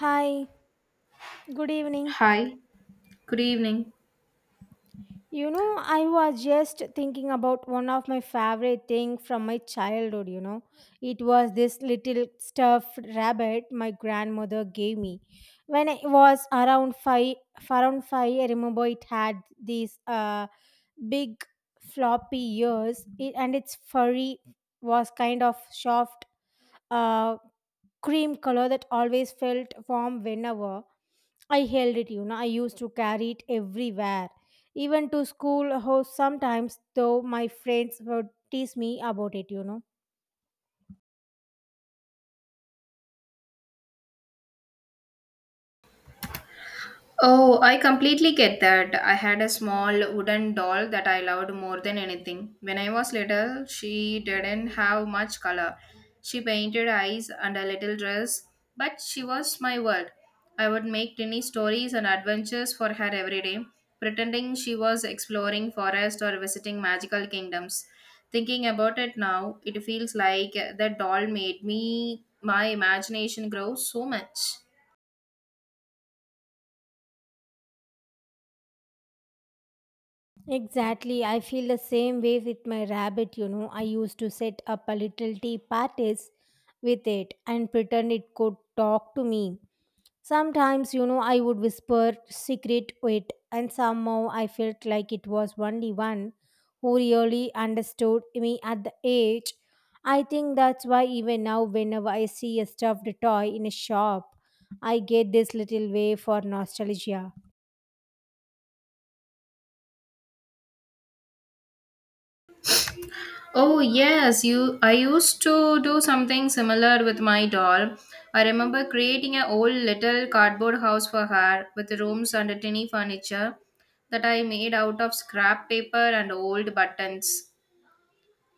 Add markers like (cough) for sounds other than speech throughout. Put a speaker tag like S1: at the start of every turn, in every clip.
S1: Hi, good evening.
S2: Hi, good evening.
S1: I was just thinking about one of my favorite thing from my childhood. It was this little stuffed rabbit my grandmother gave me when I was around 5, I remember it had these big floppy ears it, and its furry was kind of soft, uh cream color that always felt warm whenever I held it. I used to carry it everywhere, even to school. How sometimes, though, my friends would tease me about it.
S2: Oh, I completely get that. I had a small wooden doll that I loved more than anything. When I was little, she didn't have much color. She painted eyes and a little dress, but she was my world. I would make tiny stories and adventures for her every day, pretending she was exploring forest or visiting magical kingdoms. Thinking about it now, it feels like the doll made me my imagination grow so much.
S1: Exactly, I feel the same way with my rabbit. I used to set up a little tea parties with it and pretend it could talk to me. Sometimes, I would whisper secret wit, and somehow I felt like it was only one who really understood me at the age. I think that's why even now, whenever I see a stuffed toy in a shop, I get this little wave for nostalgia.
S2: Oh yes, you I used to do something similar with my doll. I remember creating an old little cardboard house for her with rooms and a tiny furniture that I made out of scrap paper and old buttons.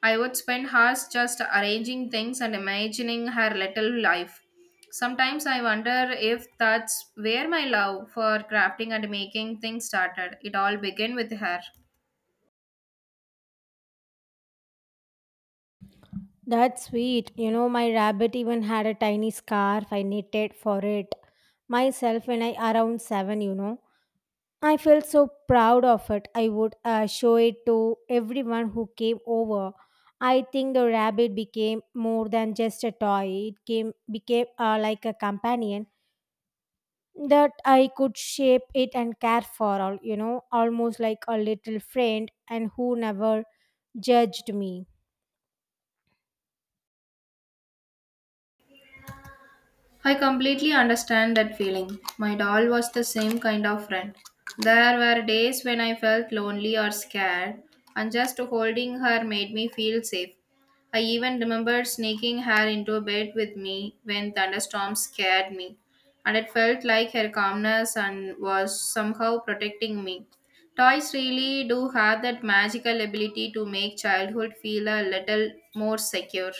S2: I would spend hours just arranging things and imagining her little life. Sometimes I wonder if that's where my love for crafting and making things started. It all began with her.
S1: That's sweet. You know, my rabbit even had a tiny scarf I knitted for it myself when I around seven. I felt so proud of it. I would show it to everyone who came over. I think the rabbit became more than just a toy. It came became like a companion that I could shape it and care for all, you know, almost like a little friend and who never judged me.
S2: I completely understand that feeling. My doll was the same kind of friend. There were days when I felt lonely or scared, and just holding her made me feel safe. I even remembered sneaking her into bed with me when thunderstorms scared me, and it felt like her calmness and was somehow protecting me. Toys really do have that magical ability to make childhood feel a little more secure.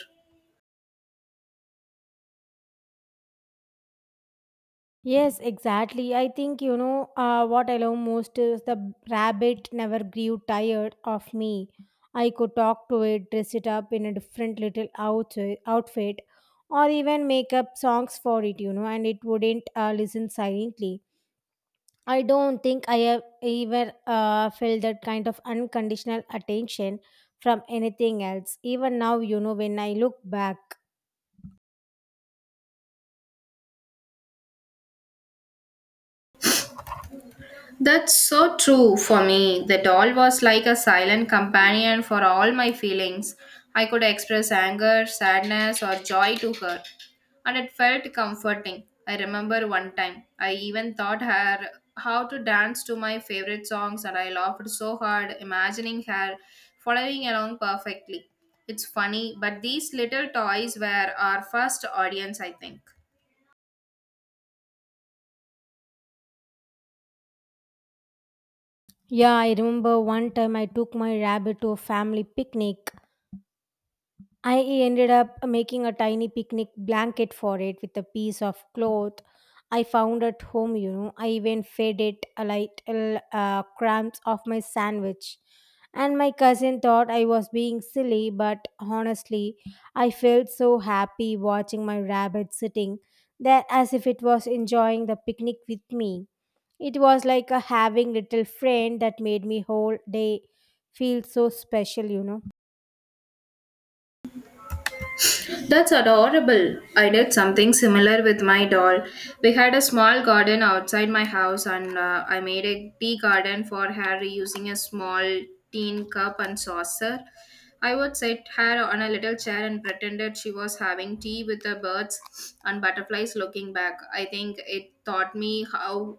S1: Yes, exactly. I think what I love most is the rabbit never grew tired of me. I could talk to it, dress it up in a different little outfit, or even make up songs for it, you know, and it wouldn't listen silently. I don't think I have ever felt that kind of unconditional attention from anything else. Even now, you know, when I look back,
S2: That's so true for me. The doll was like a silent companion for all my feelings. I could express anger, sadness, or joy to her, and it felt comforting. I remember one time I even taught her how to dance to my favorite songs, and I laughed so hard imagining her following along perfectly. It's funny, but these little toys were our first audience, I think.
S1: yeah, I remember one time I took my rabbit to a family picnic. I ended up making a tiny picnic blanket for it with a piece of cloth I found at home, you know. I even fed it a little crumbs of my sandwich. And my cousin thought I was being silly, but honestly, I felt so happy watching my rabbit sitting there as if it was enjoying the picnic with me. It was like a having little friend that made me whole day feel so special, you know.
S2: That's adorable. I did something similar with my doll. We had a small garden outside my house, and I made a tea garden for her using a small tin cup and saucer. I would sit her on a little chair and pretended she was having tea with the birds and butterflies looking back. I think it taught me how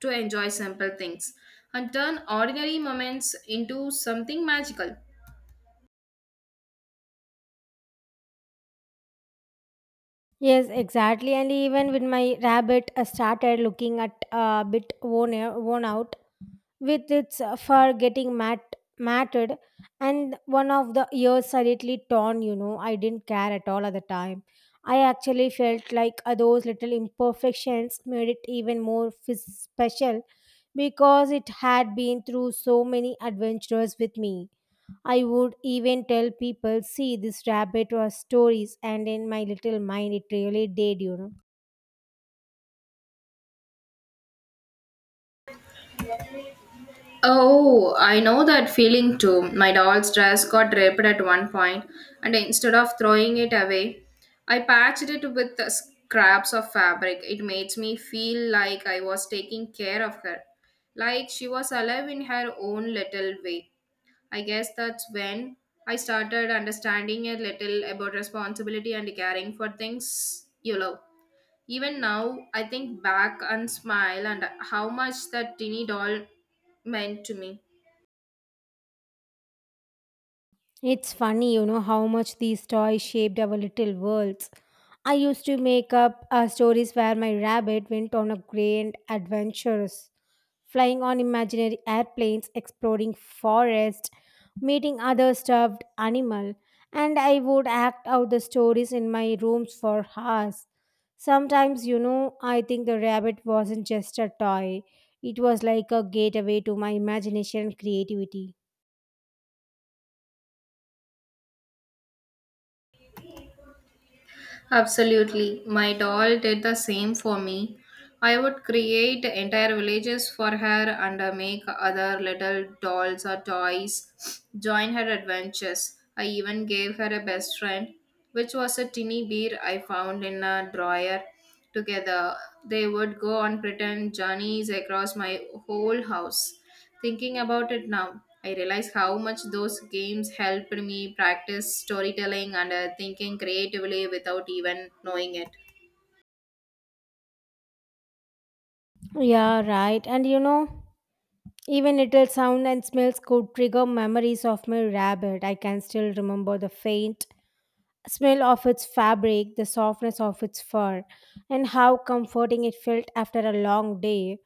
S2: to enjoy simple things and turn ordinary moments into something magical.
S1: Yes, exactly. And even with my rabbit, I started looking at a bit worn out with its fur getting matted and one of the ears slightly torn, you know. I didn't care at all at the time. I actually felt like those little imperfections made it even more special because it had been through so many adventures with me. I would even tell people, see this rabbit or stories, and in my little mind, it really did, you know.
S2: Oh, I know that feeling too. My doll's dress got ripped at one point, and instead of throwing it away, I patched it with the scraps of fabric. It made me feel like I was taking care of her, like she was alive in her own little way. I guess that's when I started understanding a little about responsibility and caring for things you love. Even now, I think back and smile and how much that tiny doll meant to me.
S1: It's funny, you know, how much these toys shaped our little worlds. I used to make up stories where my rabbit went on a grand adventures, flying on imaginary airplanes, exploring forest, meeting other stuffed animal, and I would act out the stories in my rooms for hours. Sometimes, I think the rabbit wasn't just a toy. It was like a gateway to my imagination and creativity.
S2: Absolutely. My doll did the same for me. I would create entire villages for her and make other little dolls or toys, join her adventures. I even gave her a best friend, which was a tiny bear I found in a drawer. Together, they would go on pretend journeys across my whole house. Thinking about it now, I realize how much those games helped me practice storytelling and thinking creatively without even knowing it.
S1: Yeah, right. And you know, even little sound and smells could trigger memories of my rabbit. I can still remember the faint smell of its fabric, the softness of its fur, and how comforting it felt after a long day.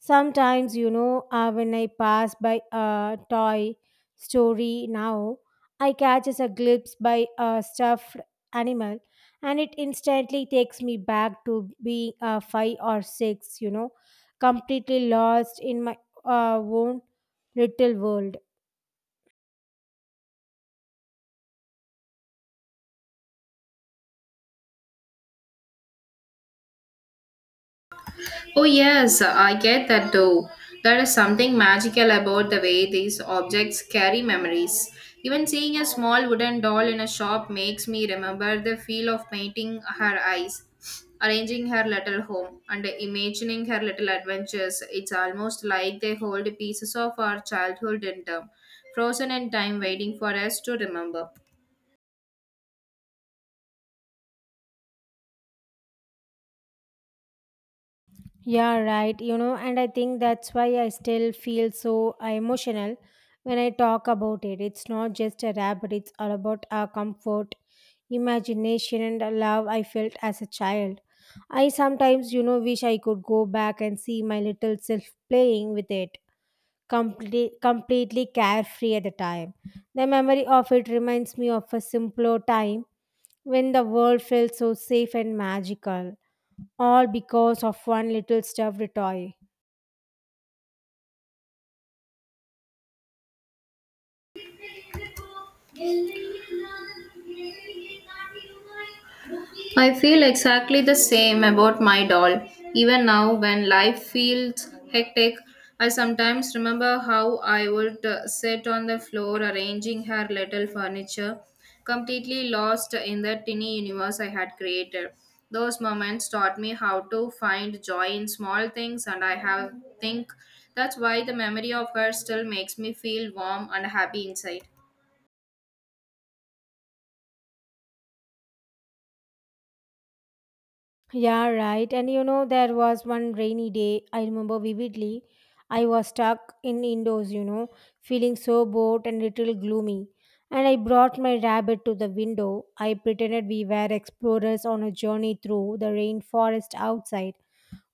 S1: Sometimes, you know, when I pass by a toy story now, I catches a glimpse by a stuffed animal, and it instantly takes me back to being five or six, you know, completely lost in my own little world.
S2: Oh, yes, I get that too. There is something magical about the way these objects carry memories. Even seeing a small wooden doll in a shop makes me remember the feel of painting her eyes, arranging her little home, and imagining her little adventures. It's almost like they hold pieces of our childhood in them, frozen in time, waiting for us to remember.
S1: Yeah, right. You know, and I think that's why I still feel so emotional when I talk about it. It's not just a rap, but it's all about our comfort, imagination, and the love I felt as a child. I sometimes, you know, wish I could go back and see my little self playing with it, completely carefree at the time. The memory of it reminds me of a simpler time when the world felt so safe and magical all because of one little stuffed toy.
S2: I feel exactly the same about my doll. Even now, when life feels hectic, I sometimes remember how I would sit on the floor arranging her little furniture, completely lost in the tiny universe I had created. Those moments taught me how to find joy in small things, and I have think that's why the memory of her still makes me feel warm and happy inside.
S1: Yeah, right. And you know, there was one rainy day, I remember vividly. I was stuck in indoors, you know, feeling so bored and little gloomy. And I brought my rabbit to the window. I pretended we were explorers on a journey through the rainforest outside,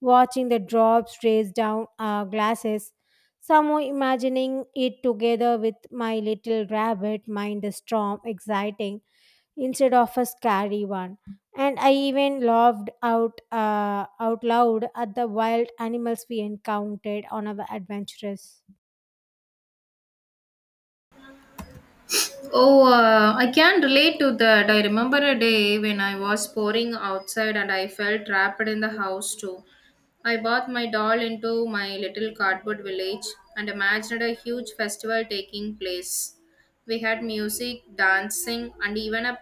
S1: watching the drops race down our glasses. Somehow imagining it together with my little rabbit, mind the storm, exciting instead of a scary one. And I even laughed out loud at the wild animals we encountered on our adventures.
S2: Oh, I can relate to that. I remember a day when I was pouring outside and I felt trapped in the house too. I bought my doll into my little cardboard village and imagined a huge festival taking place. We had music, dancing, and even a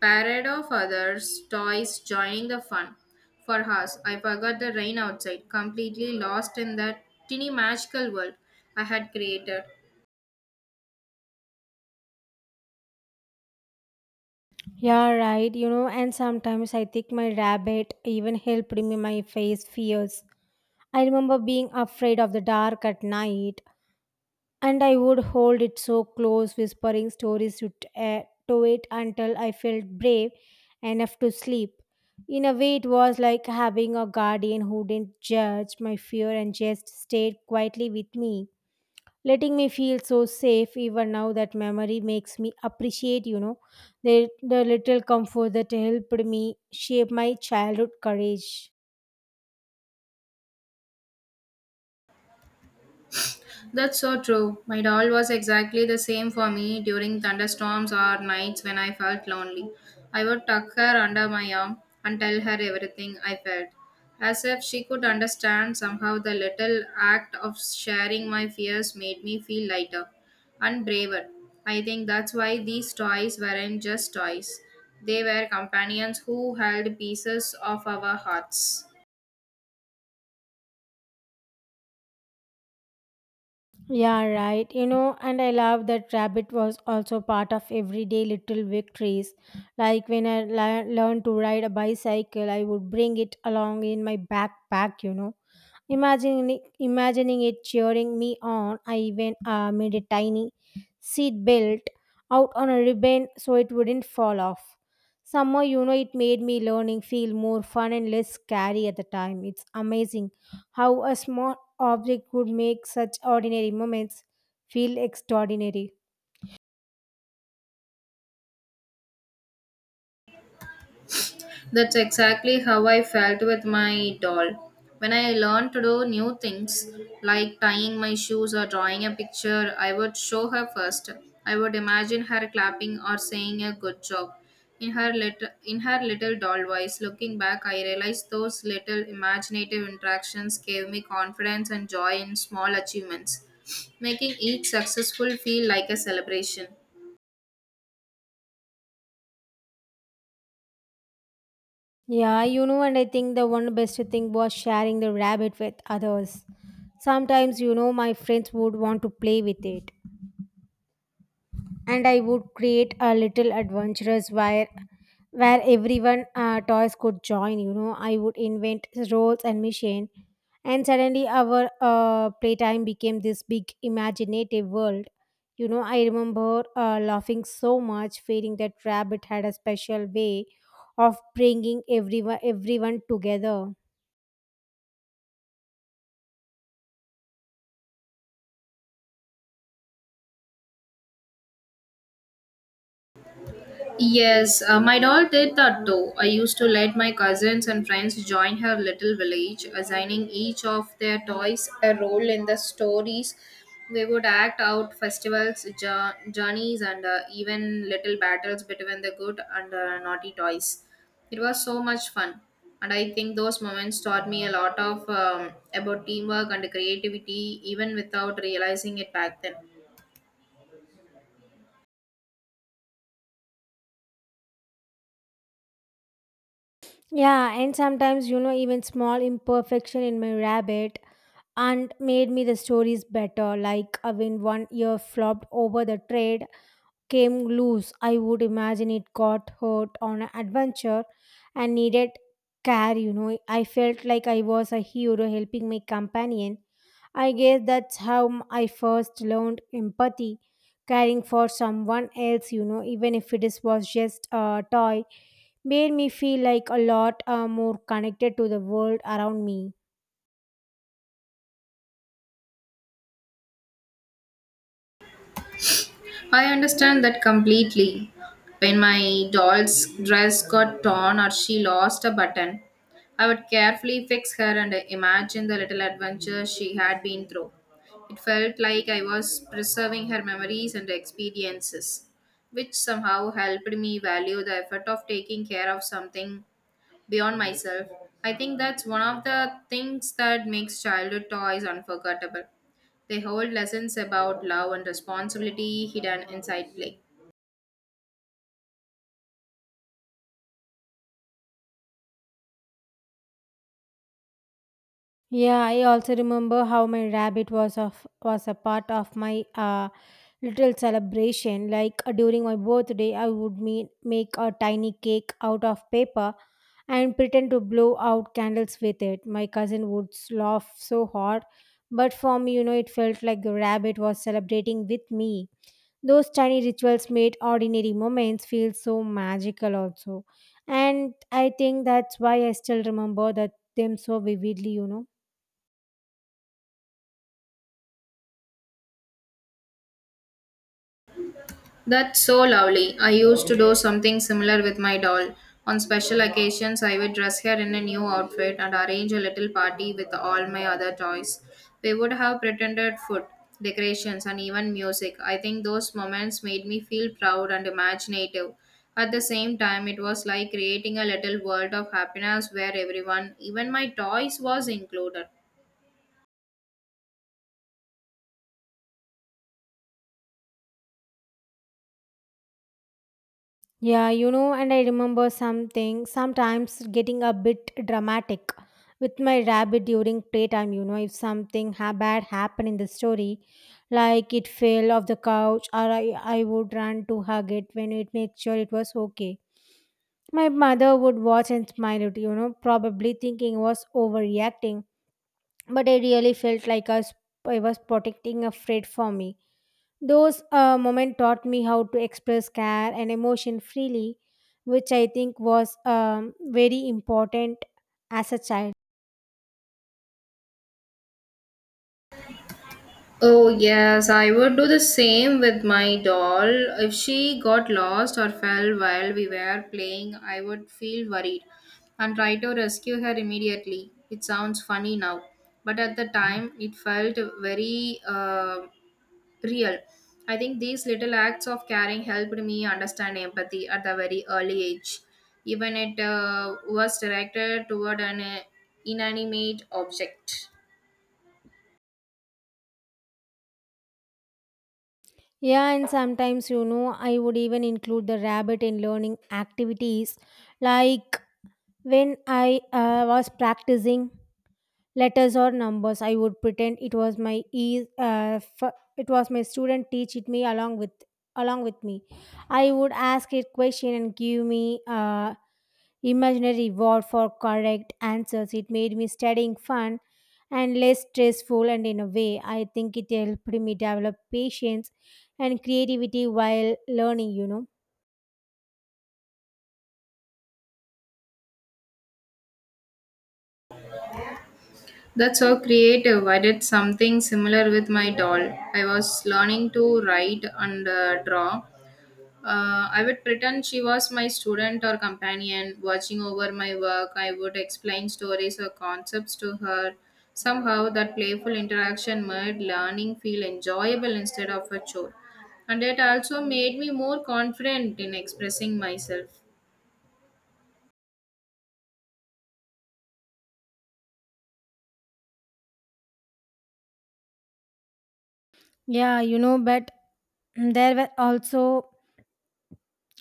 S2: parade of others' toys joining the fun. For us, I forgot the rain outside, completely lost in that tiny magical world I had created.
S1: Yeah, right. You know, and sometimes I think my rabbit even helped me my face fears. I remember being afraid of the dark at night, and I would hold it so close, whispering stories to it until I felt brave enough to sleep. In a way, it was like having a guardian who didn't judge my fear and just stayed quietly with me, letting me feel so safe. Even now, that memory makes me appreciate, you know, the little comfort that helped me shape my childhood courage.
S2: That's so true. My doll was exactly the same for me during thunderstorms or nights when I felt lonely. I would tuck her under my arm and tell her everything I felt, as if she could understand. Somehow, the little act of sharing my fears made me feel lighter and braver. I think that's why these toys weren't just toys, they were companions who held pieces of our hearts.
S1: Yeah, right. You know, and I love that rabbit was also part of everyday little victories. Like when I learned to ride a bicycle, I would bring it along in my backpack, you know. Imagining it cheering me on, I even made a tiny seat belt out on a ribbon so it wouldn't fall off. Somehow, you know, it made me learning feel more fun and less scary at the time. It's amazing how a small object could make such ordinary moments feel extraordinary.
S2: That's exactly how I felt with my doll. When I learned to do new things, like tying my shoes or drawing a picture, I would show her first. I would imagine her clapping or saying a good job. In her little doll voice, looking back, I realized those little imaginative interactions gave me confidence and joy in small achievements, making each successful feel like a celebration.
S1: Yeah, you know, and I think the one best thing was sharing the rabbit with others. Sometimes, you know, my friends would want to play with it, and I would create a little adventurous where everyone toys could join. You know, I would invent roles and mission, and suddenly our playtime became this big imaginative world. You know, I remember laughing so much, feeling that rabbit had a special way of bringing everyone together.
S2: Yes, my doll did that too. I used to let my cousins and friends join her little village, assigning each of their toys a role in the stories. We would act out festivals, journeys, and even little battles between the good and naughty toys. It was so much fun, and I think those moments taught me a lot of about teamwork and creativity, even without realizing it back then.
S1: Yeah, and sometimes you know even small imperfection in my rabbit and made me the stories better. Like when one ear flopped over the trade came loose, I would imagine it got hurt on an adventure and needed care. You know, I felt like I was a hero helping my companion. I guess that's how I first learned empathy, caring for someone else. You know, even if it is was just a toy, made me feel like a lot more connected to the world around me.
S2: I understand that completely. When my doll's dress got torn or she lost a button, I would carefully fix her and imagine the little adventure she had been through. It felt like I was preserving her memories and experiences, which somehow helped me value the effort of taking care of something beyond myself. I think that's one of the things that makes childhood toys unforgettable. They hold lessons about love and responsibility hidden inside play.
S1: Yeah, I also remember how my rabbit was of was a part of my little celebration. Like during my birthday, I would make a tiny cake out of paper and pretend to blow out candles with it. My cousin would laugh so hard, but for me, you know, it felt like the rabbit was celebrating with me. Those tiny rituals made ordinary moments feel so magical, also, and I think that's why I still remember that them so vividly. You know.
S2: That's so lovely. I used to do something similar with my doll. On special occasions, I would dress her in a new outfit and arrange a little party with all my other toys. We would have pretended food, decorations, and even music. I think those moments made me feel proud and imaginative. At the same time, it was like creating a little world of happiness where everyone, even my toys, was included.
S1: Yeah, you know, and I remember something sometimes getting a bit dramatic with my rabbit during playtime. You know, if something bad happened in the story, like it fell off the couch, or I would run to hug it when it make sure it was okay. My mother would watch and smile at you know, probably thinking I was overreacting, but I really felt like I I was protecting a friend for me. Those moments taught me how to express care and emotion freely, which I think was very important as a child.
S2: Oh, yes, I would do the same with my doll. If she got lost or fell while we were playing, I would feel worried and try to rescue her immediately. It sounds funny now, but at the time it felt very real. I think these little acts of caring helped me understand empathy at a very early age, even it was directed toward an inanimate object.
S1: Yeah, and sometimes, you know, I would even include the rabbit in learning activities. Like when I was practicing letters or numbers, I would pretend it was my it was my student teach it me along with me. I would ask it question and give me imaginary reward for correct answers. It made me studying fun and less stressful, and in a way I think it helped me develop patience and creativity while learning, you know.
S2: That's so creative. I did something similar with my doll. I was learning to write and draw. I would pretend she was my student or companion, watching over my work. I would explain stories or concepts to her. Somehow, that playful interaction made learning feel enjoyable instead of a chore. And it also made me more confident in expressing myself.
S1: Yeah, you know, but there were also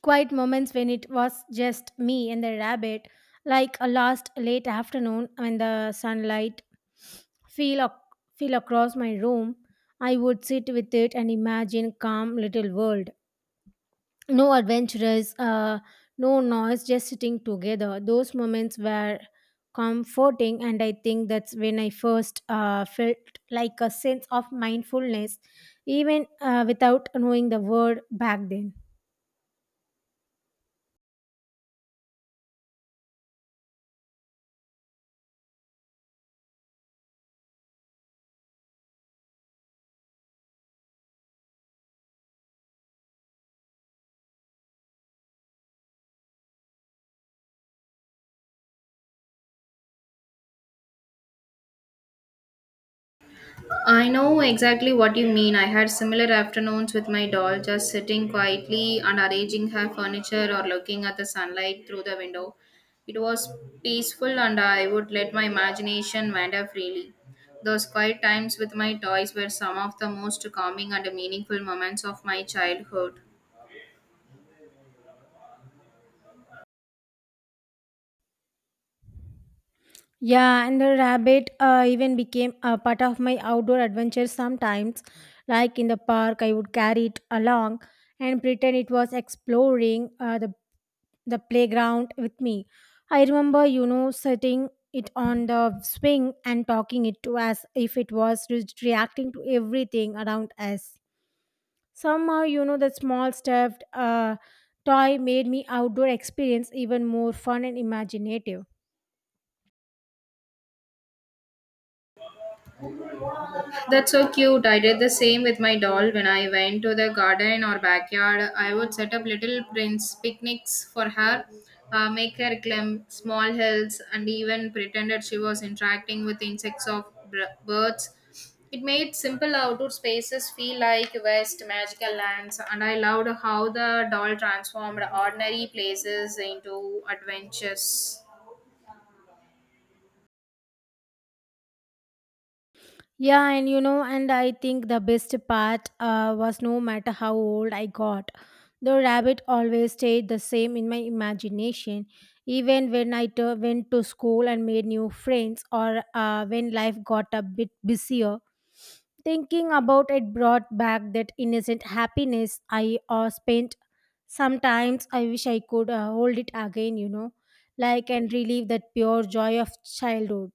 S1: quiet moments when it was just me and the rabbit, like a last late afternoon when the sunlight fell ac- fell across my room. I would sit with it and imagine calm little world. No adventurers, no noise, just sitting together. Those moments were comforting, and I think that's when I first felt like a sense of mindfulness, even without knowing the word back then.
S2: I know exactly what you mean. I had similar afternoons with my doll, just sitting quietly and arranging her furniture or looking at the sunlight through the window. It was peaceful, and I would let my imagination wander freely. Those quiet times with my toys were some of the most calming and meaningful moments of my childhood.
S1: Yeah, and the rabbit even became a part of my outdoor adventures sometimes. Like in the park, I would carry it along and pretend it was exploring the playground with me. I remember, you know, setting it on the swing and talking it to as if it was reacting to everything around us. Somehow, you know, the small stuffed toy made me outdoor experience even more fun and imaginative.
S2: That's so cute. I did the same with my doll when I went to the garden or backyard. I would set up little prince picnics for her, make her climb small hills, and even pretended she was interacting with insects or birds. It made simple outdoor spaces feel like West magical lands, and I loved how the doll transformed ordinary places into adventures.
S1: Yeah, and you know, and I think the best part was no matter how old I got, the rabbit always stayed the same in my imagination. Even when I went to school and made new friends, or when life got a bit busier, thinking about it brought back that innocent happiness I spent. Sometimes I wish I could hold it again, you know, like and relive that pure joy of childhood.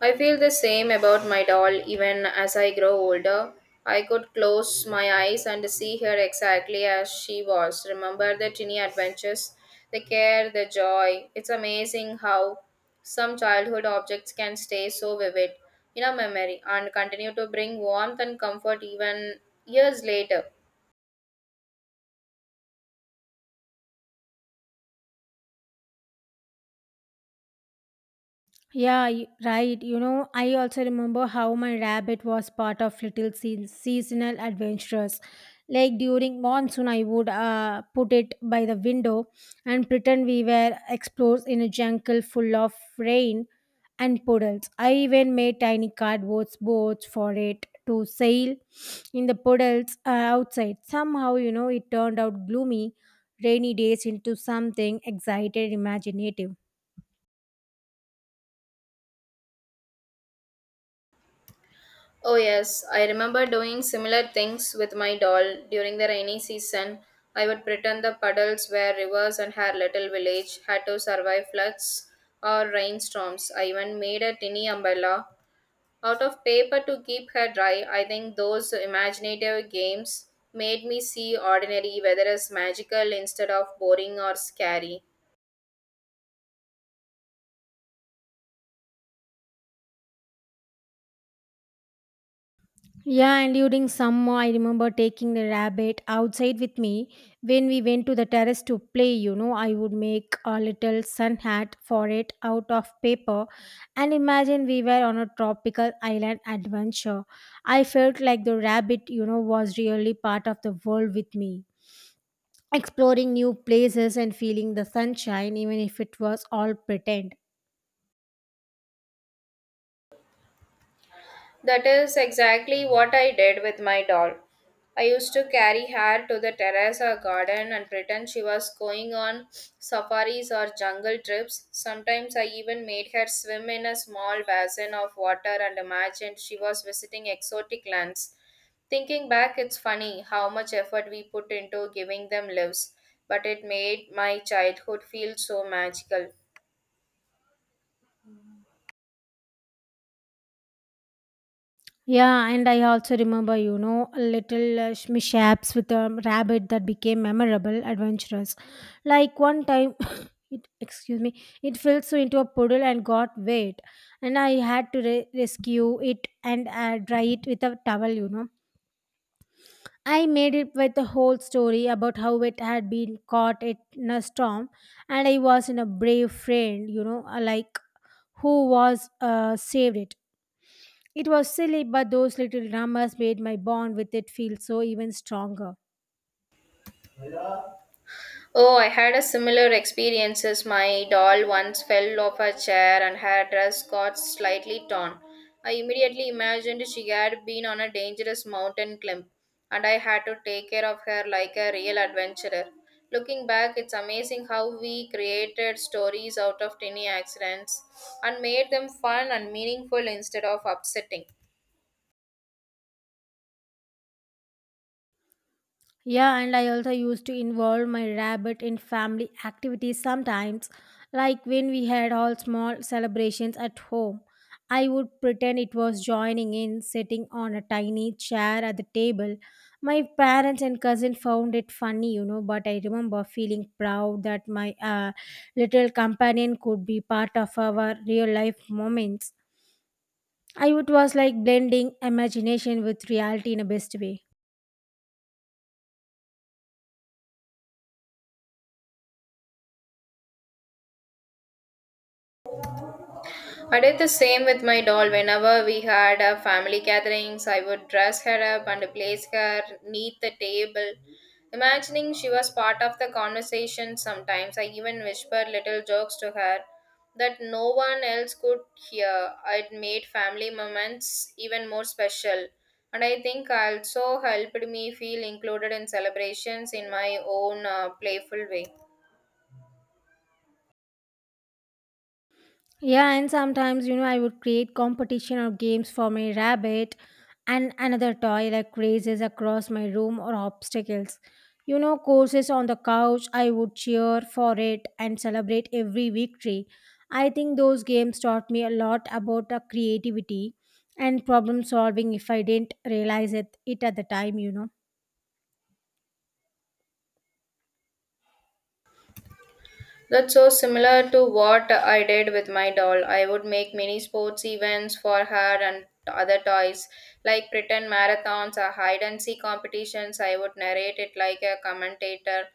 S2: I feel the same about my doll even as I grow older. I could close my eyes and see her exactly as she was. Remember the tiny adventures, the care, the joy. It's amazing how some childhood objects can stay so vivid in our memory and continue to bring warmth and comfort even years later.
S1: Yeah, right. You know, I also remember how my rabbit was part of little seasonal adventures. Like during monsoon, I would put it by the window and pretend we were explorers in a jungle full of rain and puddles. I even made tiny cardboard boats for it to sail in the puddles outside. Somehow, you know, it turned out gloomy, rainy days into something excited, imaginative.
S2: Oh, yes, I remember doing similar things with my doll during the rainy season. I would pretend the puddles were rivers and her little village had to survive floods or rainstorms. I even made a tiny umbrella out of paper to keep her dry. I think those imaginative games made me see ordinary weather as magical instead of boring or scary.
S1: Yeah, and during summer, I remember taking the rabbit outside with me when we went to the terrace to play. You know, I would make a little sun hat for it out of paper and imagine we were on a tropical island adventure. I felt like the rabbit, you know, was really part of the world with me, exploring new places and feeling the sunshine, even if it was all pretend.
S2: That is exactly what I did with my doll. I used to carry her to the terrace or garden and pretend she was going on safaris or jungle trips. Sometimes I even made her swim in a small basin of water and imagined she was visiting exotic lands. Thinking back, it's funny how much effort we put into giving them lives, but it made my childhood feel so magical.
S1: Yeah, and I also remember, you know, little mishaps with a rabbit that became memorable, adventurous. Like one time, (coughs) it excuse me, it fell so into a puddle and got wet, and I had to rescue it and dry it with a towel. You know, I made it with the whole story about how it had been caught it in a storm, and I was in a brave friend, you know, like who was saved it. It was silly, but those little dramas made my bond with it feel so even stronger.
S2: Oh, I had a similar experience as my doll once fell off a chair and her dress got slightly torn. I immediately imagined she had been on a dangerous mountain climb and I had to take care of her like a real adventurer. Looking back, it's amazing how we created stories out of tiny accidents and made them fun and meaningful instead of upsetting.
S1: Yeah, and I also used to involve my rabbit in family activities sometimes, like when we had all small celebrations at home. I would pretend it was joining in, sitting on a tiny chair at the table. My parents and cousin found it funny, you know, but I remember feeling proud that my little companion could be part of our real life moments. I would was like blending imagination with reality in a best way.
S2: I did the same with my doll. Whenever we had a family gatherings, I would dress her up and place her neat the table, imagining she was part of the conversation. Sometimes I even whispered little jokes to her that no one else could hear. It made family moments even more special. And I think also helped me feel included in celebrations in my own playful way.
S1: Yeah, and sometimes you know I would create competition or games for my rabbit and another toy like races across my room or obstacles. You know, courses on the couch, I would cheer for it and celebrate every victory. I think those games taught me a lot about the creativity and problem solving if I didn't realize it at the time, you know.
S2: That's so similar to what I did with my doll. I would make mini sports events for her and other toys, like pretend marathons or hide and seek competitions. I would narrate it like a commentator,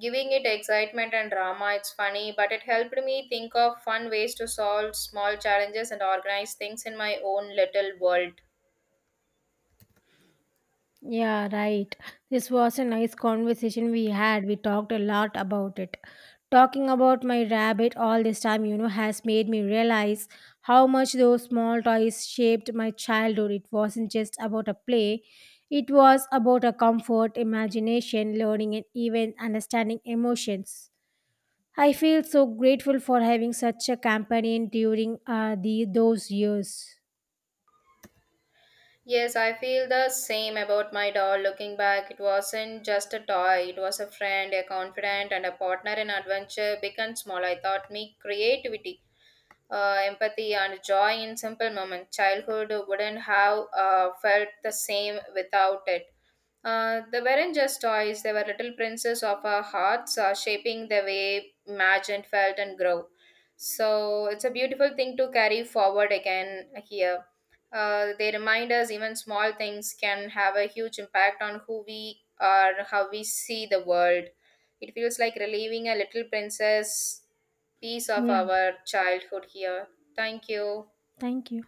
S2: giving it excitement and drama. It's funny, but it helped me think of fun ways to solve small challenges and organize things in my own little world.
S1: Yeah, right. This was a nice conversation we had. We talked a lot about it. Talking about my rabbit all this time, you know, has made me realize how much those small toys shaped my childhood. It wasn't just about a play, it was about a comfort, imagination, learning, and even understanding emotions. I feel so grateful for having such a companion during those years.
S2: Yes, I feel the same about my doll. Looking back, it wasn't just a toy, it was a friend, a confidant, and a partner in adventure, big and small. I taught me creativity, empathy, and joy in simple moments. Childhood wouldn't have felt the same without it. They weren't just toys, they were little princes of our hearts, shaping the way imagined, felt, and grew. So it's a beautiful thing to carry forward again here. They remind us even small things can have a huge impact on who we are, how we see the world. It feels like relieving a little princess piece of
S1: Yeah,
S2: our childhood here. Thank you.
S1: thank you.